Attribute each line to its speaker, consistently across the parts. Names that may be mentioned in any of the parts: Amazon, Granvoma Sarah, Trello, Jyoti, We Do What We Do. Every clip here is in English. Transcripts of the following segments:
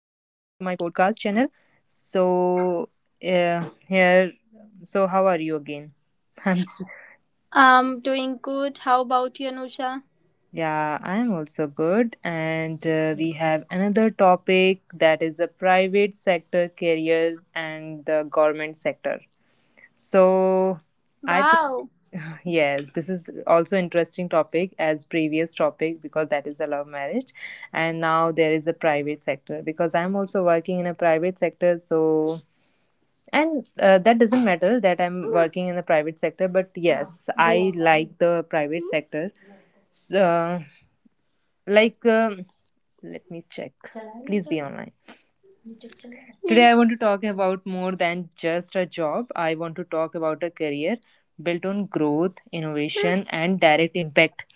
Speaker 1: my podcast channel. So uh, here, so how are you again? I'm s-
Speaker 2: I'm doing good. How about you, Anusha?
Speaker 1: yeah, I'm also good, and we have another topic that is the private sector career and the government sector. So I think.
Speaker 2: Wow.
Speaker 1: Yes, this is also interesting topic as previous topic because that is the love marriage, and now there is a private sector because I'm also working in a private sector, and that doesn't matter that I'm working in the private sector, but yes I like the private sector. So like let me check please be online Today, I want to talk about more than just a job. I want to talk about a career built on growth, innovation, and direct impact.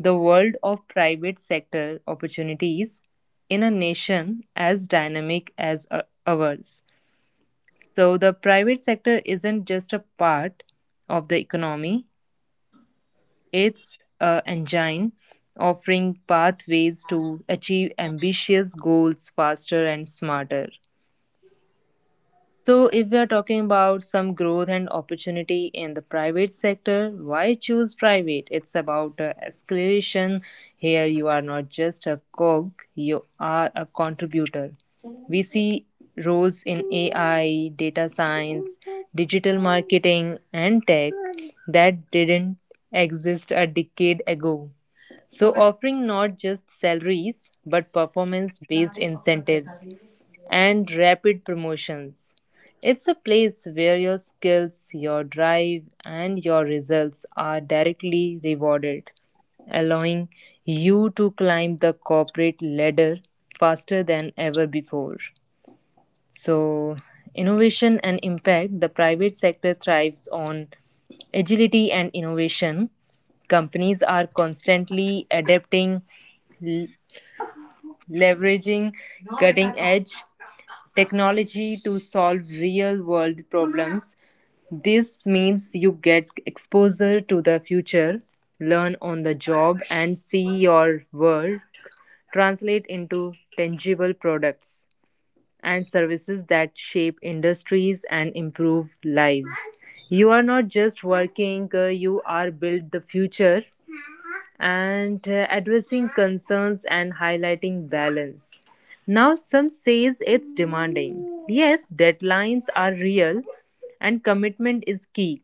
Speaker 1: The world of private sector opportunities in a nation as dynamic as ours. So, the private sector isn't just a part of the economy, it's an engine offering pathways to achieve ambitious goals faster and smarter. So, if we are talking about some growth and opportunity in the private sector, why choose private? It's about escalation. Here, you are not just a cog, you are a contributor. We see roles in AI, data science, digital marketing, and tech that didn't exist a decade ago. So, offering not just salaries but performance based incentives and rapid promotions. It's a place where your skills, your drive, and your results are directly rewarded, allowing you to climb the corporate ladder faster than ever before. So, innovation and impact, the private sector thrives on agility and innovation. Companies are constantly adapting, l- leveraging cutting edge technology to solve real world problems. This means you get exposure to the future, learn on the job, and see your world translate into tangible products and services that shape industries and improve lives. You are not just working, you are build the future, and addressing concerns and highlighting balance. Now some says it's demanding. Yes, deadlines are real and commitment is key.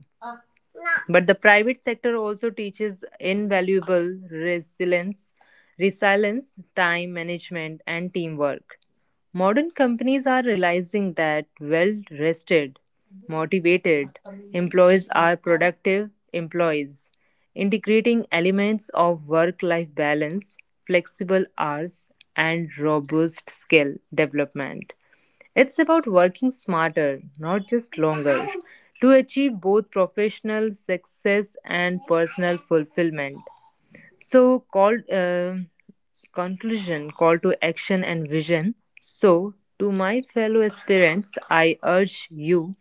Speaker 1: But the private sector also teaches invaluable resilience, time management, and teamwork. Modern companies are realizing that well rested, motivated employees are productive employees, integrating elements of work life balance, flexible hours, and robust skill development. It's about working smarter, not just longer, to achieve both professional success and personal fulfillment. So, call conclusion, call to action and vision. So, to my fellow aspirants, I urge you,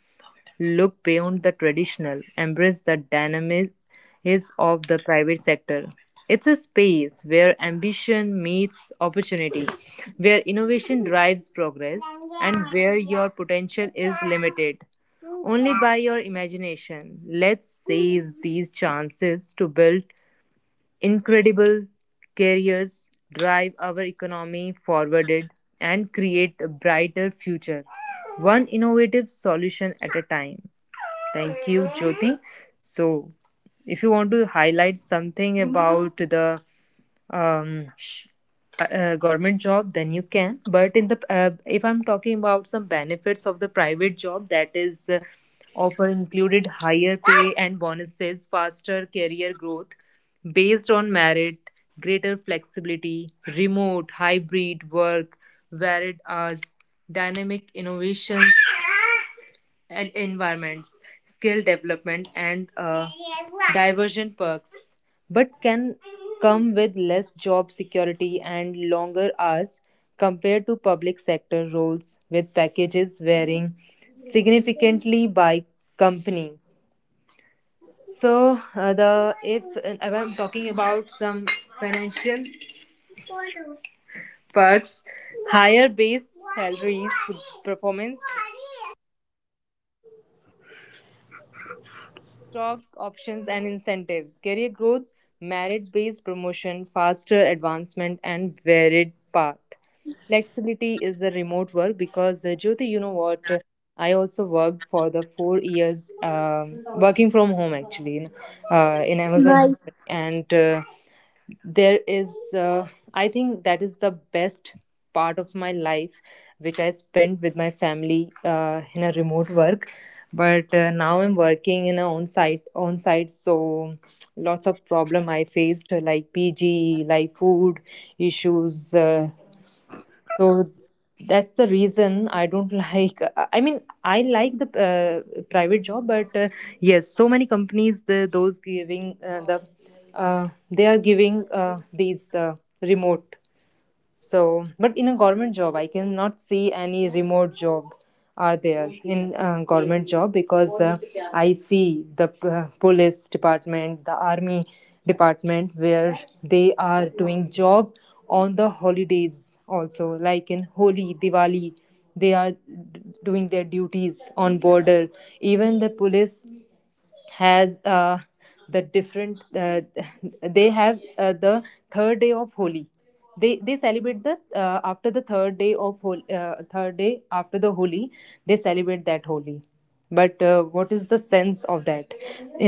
Speaker 1: look beyond the traditional, embrace the dynamism of the private sector. It's a space where ambition meets opportunity, where innovation drives progress, and where your potential is limited only by your imagination. Let's seize these chances to build incredible careers, drive our economy forward, and create a brighter future, one innovative solution at a time. Thank you, Jyoti. So, if you want to highlight something about the um, sh- government job, then you can. But in the if I'm talking about some benefits of the private job, that is often included higher pay and bonuses, faster career growth based on merit, greater flexibility, remote, hybrid work, varied hours, dynamic innovations and environments, skill development, and diversion perks, but can come with less job security and longer hours compared to public sector roles with packages varying significantly by company. So the if I'm talking about some financial perks, higher base salaries, performance stock options and incentive career growth, merit based promotion, faster advancement and varied path, flexibility is the remote work. Because Jyoti, you know what, I also worked for the 4 years, working from home actually in Amazon company. And there is I think that is the best part of my life, which I spent with my family in a remote work. But now I'm working in a on site, so lots of problem I faced like PG, like food issues. So that's the reason I don't like. I mean, I like the private job, but yes, so many companies, they are giving these remote. So, but in a government job, I cannot see any remote job are there in government job, because I see the police department, the army department, where they are doing job on the holidays also, like in Holi, Diwali, they are d- doing their duties on border. Even the police has the different they have the third day of Holi, they celebrate the after the third day of hol- third day after the Holi they celebrate that Holi. But what is the sense of that?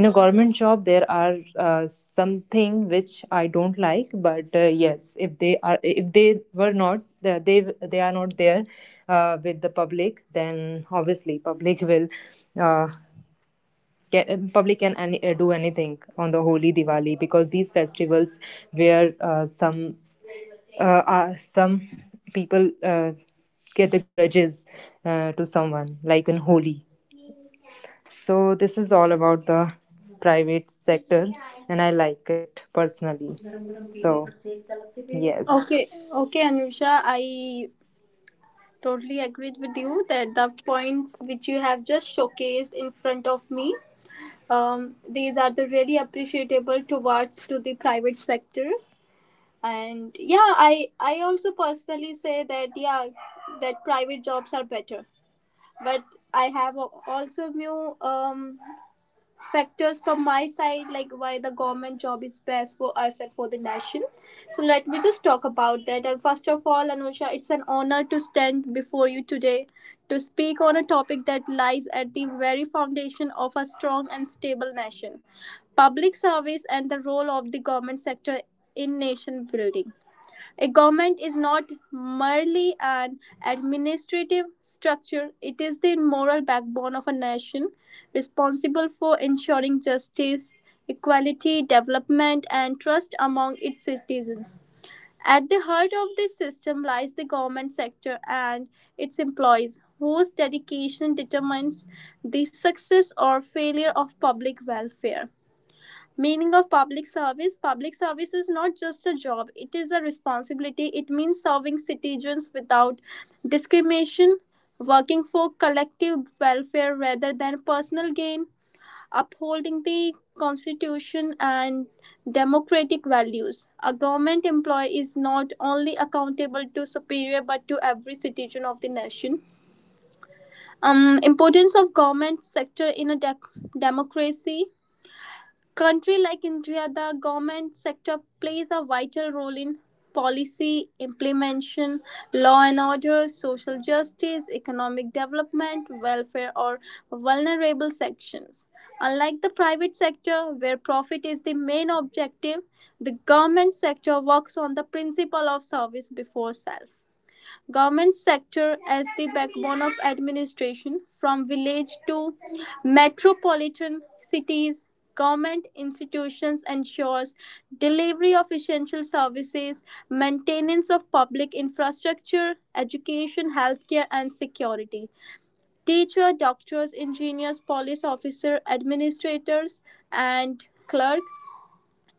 Speaker 1: In a government job there are something which I don't like. But yes, if they are, if they were not, they they are not there with the public, then obviously public will uh, public can any, do anything on the holy Diwali, because these festivals where uh, some people get the grudges to someone like in Holi. So this is all about the private sector, and I like it personally. So yes,
Speaker 2: Okay. Okay, Anusha. I totally agreed with you that the points which you have just showcased in front of me, these are the really appreciable towards to the private sector. And yeah, I also personally say that yeah, that private jobs are better. But I have also new factors from my side, like why the government job is best for us and for the nation. So let me just talk about that. And first of all, Anusha, it's an honor to stand before you today to speak on a topic that lies at the very foundation of a strong and stable nation: public service and the role of the government sector in nation building. A government is not merely an administrative structure, it is the moral backbone of a nation, responsible for ensuring justice, equality, development, and trust among its citizens. At the heart of this system lies the government sector and its employees, whose dedication determines the success or failure of public welfare. Meaning of public service: public service is not just a job, it is a responsibility. It means serving citizens without discrimination, working for collective welfare rather than personal gain, upholding the constitution and democratic values. A government employee is not only accountable to superior but to every citizen of the nation. Importance of government sector in a dec democracy. Country like India, the government sector plays a vital role in policy implementation, law and order, social justice, economic development, welfare, or vulnerable sections. Unlike the private sector, where profit is the main objective, the government sector works on the principle of service before self. Government sector as the backbone of administration: from village to metropolitan cities, government institutions ensures delivery of essential services, maintenance of public infrastructure, education, healthcare, and security. Teacher, doctors, engineers, police officer, administrators, and clerk,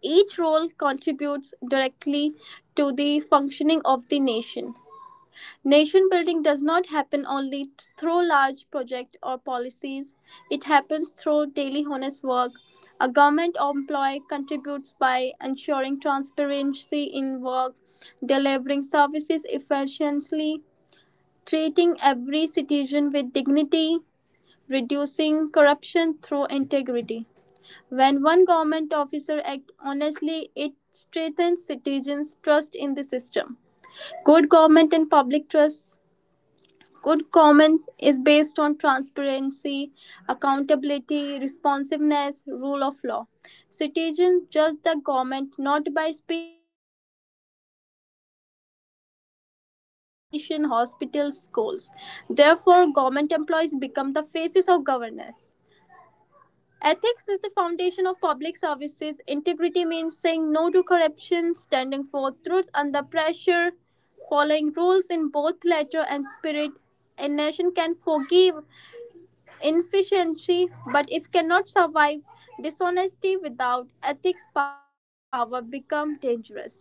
Speaker 2: each role contributes directly to the functioning of the nation. Nation building does not happen only through large projects or policies. It happens through daily honest work. A government employee contributes by ensuring transparency in work, delivering services efficiently, treating every citizen with dignity, reducing corruption through integrity. When one government officer acts honestly, it strengthens citizens' trust in the system. Good government and public trust: good government is based on transparency, accountability, responsiveness, rule of law. Citizens judge the government not by speeches but their experience at government offices, police stations, hospitals, schools. Therefore, government employees become the faces of governance. Ethics is the foundation of public services. Integrity means saying no to corruption, standing for truth under pressure, following rules in both letter and spirit. A nation can forgive inefficiency, but if cannot survive dishonesty without ethics, power become dangerous.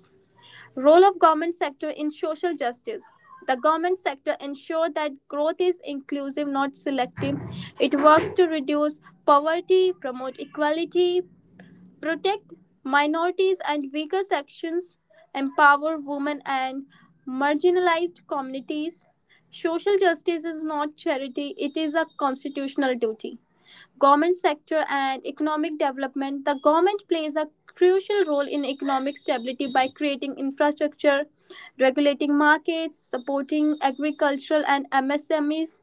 Speaker 2: Role of government sector in social justice. The government sector ensure that growth is inclusive, not selective. It works to reduce poverty, promote equality, protect minorities and weaker sections, empower women and marginalized communities. Social justice is not charity, it is a constitutional duty. Government sector and economic development: the government plays a crucial role in economic stability by creating infrastructure, regulating markets, supporting agricultural and msmes,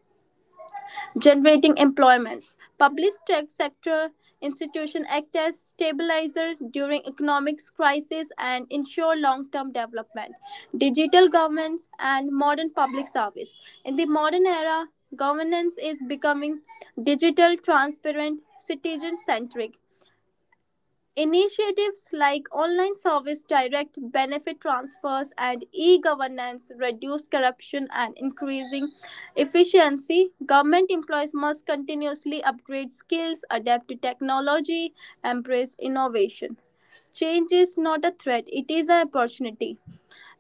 Speaker 2: generating employments. Public sector institutions act as stabilizer during economic crisis and ensure long-term development. Digital governance and modern public service. In the modern era, governance is becoming digital, transparent, citizen-centric. Initiatives like online service, direct benefit transfers, and e-governance reduce corruption and increasing efficiency. Government employees must continuously upgrade skills, adapt to technology, embrace innovation. Change is not a threat, it is an opportunity.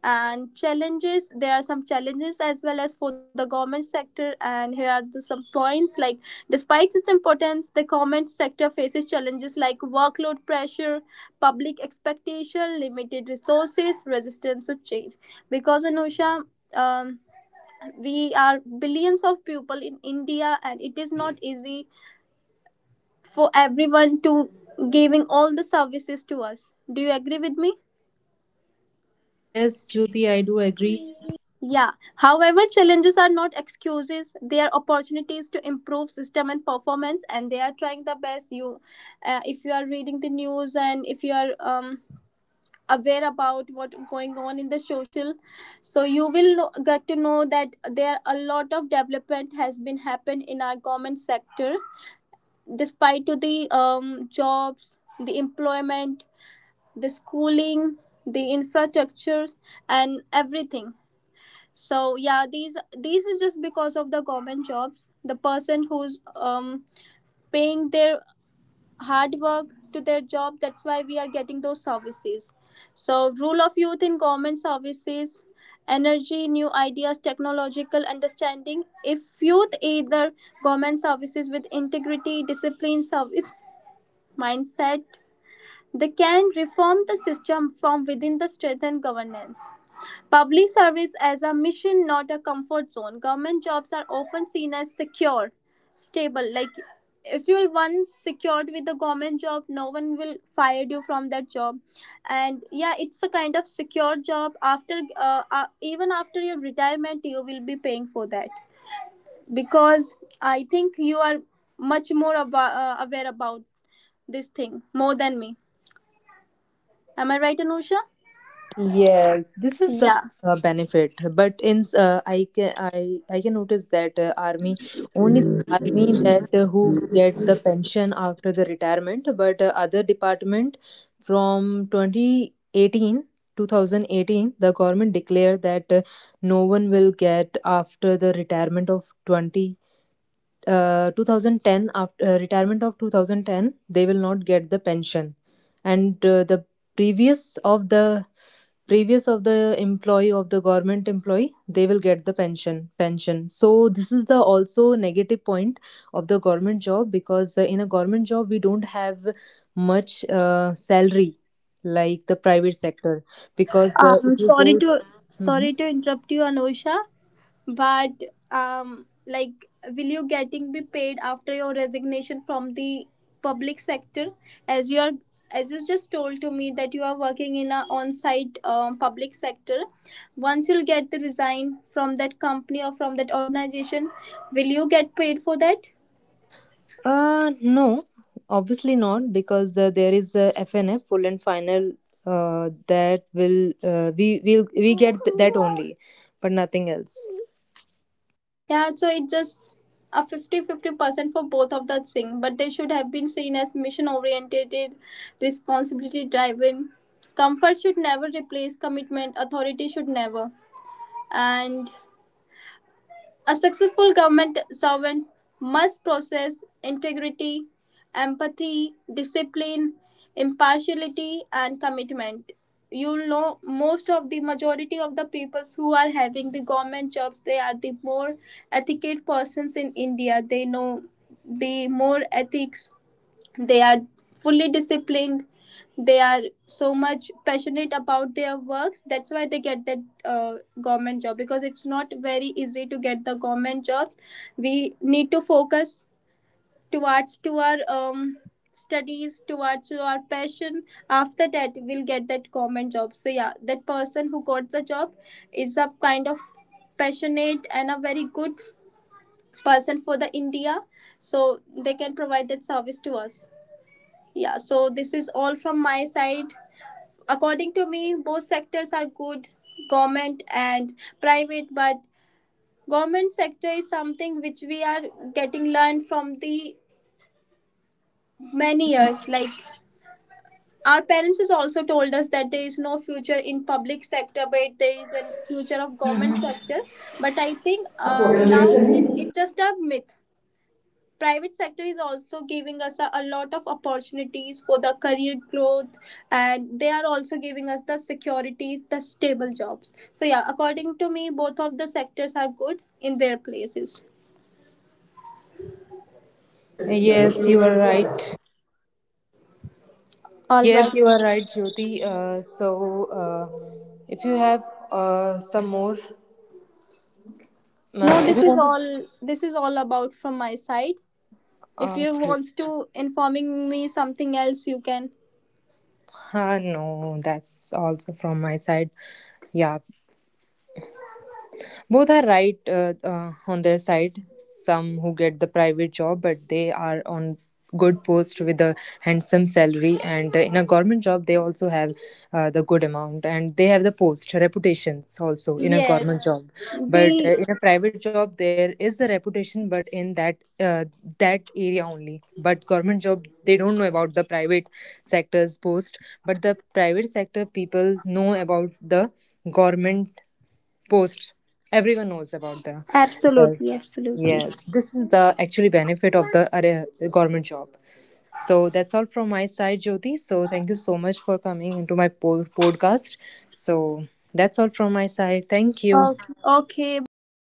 Speaker 2: And challenges: there are some challenges as well as for the government sector, and here are the some points like, despite its importance, the government sector faces challenges like workload pressure, public expectation, limited resources, resistance to change. Because, Anusha, um, we are billions of people in India, and it is not easy for everyone to giving all the services to us. Do you agree with me?
Speaker 1: Yes, Jyoti, I do agree.
Speaker 2: Yeah. However, challenges are not excuses. They are opportunities to improve system and performance, and they are trying the best. You, if you are reading the news, and if you are aware about what going on in the social, so you will know, get to know that there a lot of development has been happened in our government sector, despite to the jobs, the employment, the schooling, the infrastructure, and everything. So yeah, these is just because of the government jobs. The person who's paying their hard work to their job, that's why we are getting those services. So rule of youth in government services: energy, new ideas, technological understanding. If youth either government services with integrity, discipline, service mindset, they can reform the system from within the strengthened governance. Public service as a mission, not a comfort zone. Government jobs are often seen as secure, stable. Like, if you're once secured with the government job, no one will fire you from that job. And yeah, it's a kind of secure job. After even after your retirement, you will be paying for that. Because I think you are much more aware about this thing more than me. Am I right, Anusha?
Speaker 1: Yes, this is the
Speaker 2: Yeah.
Speaker 1: benefit. But in I can notice that army, only the army that who get the pension after the retirement. But other department from 2018 2018, the government declared that no one will get after the retirement of 20 2010, after retirement of 2010 they will not get the pension. And the previous of the previous of the employee of the government employee, they will get the pension. So this is the also negative point of the government job, because in a government job we don't have much salary like the private sector, because
Speaker 2: Um.
Speaker 1: if you
Speaker 2: Sorry
Speaker 1: go,
Speaker 2: to
Speaker 1: Mhm.
Speaker 2: Sorry to interrupt you, Anusha. But like, will you getting be paid after your resignation from the public sector, as you are, as you just told to me that you are working in a on-site public sector? Once you'll get the resign from that company or from that organization, will you get paid for that?
Speaker 1: No, obviously not, because there is a FNF, full and final, that will we will we get that only, but nothing else.
Speaker 2: Yeah, so it just a fifty-fifty % for both of the thing, but they should have been seen as mission oriented, responsibility driven. Comfort should never replace commitment, authority should never. And a successful government servant must possess integrity, empathy, discipline, impartiality, and commitment. You know, most of the majority of the peoples who are having the government jobs, they are the more ethical persons in India. They know the more ethics. They are fully disciplined. They are so much passionate about their works, that's why they get that uh, government job. Because it's not very easy to get the government jobs, we need to focus towards to our studies, towards our passion. After that we'll get that government job. So yeah, that person who got the job is a kind of passionate and a very good person for the India, so they can provide that service to us. Yeah, so this is all from my side. According to me, both sectors are good, government and private, but government sector is something which we are getting learned from the many years, like our parents has also told us that there is no future in public sector but there is a future of government sector. But I think nowadays it's just a myth. Private sector is also giving us a lot of opportunities for the career growth, and they are also giving us the securities, the stable jobs. So yeah, according to me, both of the sectors are good in their places.
Speaker 1: Yes, you are right.
Speaker 2: All
Speaker 1: Yes,
Speaker 2: right.
Speaker 1: you are right, Jyoti. If you have some more,
Speaker 2: No,
Speaker 1: if you want to,
Speaker 2: this is all about from my side. If you
Speaker 1: okay.
Speaker 2: wants to informing me something else, you can.
Speaker 1: No, that's also from my side. Yeah, both are right on their side. Some who get the private job, but they are on good post with a handsome salary, and in a government job, they also have the good amount and they have the post reputations also in a
Speaker 2: Yes.
Speaker 1: government job. But
Speaker 2: the
Speaker 1: in a private job, there is a reputation, but in that that area only. But government job, they don't know about the private sector's post, but the private sector people know about the government post, everyone knows about the
Speaker 2: Absolutely, absolutely.
Speaker 1: yes, this is the actually benefit of the government job. So that's all from my side, Jyoti, so thank you so much for coming into my podcast. So that's all from my side, thank you.
Speaker 2: Okay, okay, bye,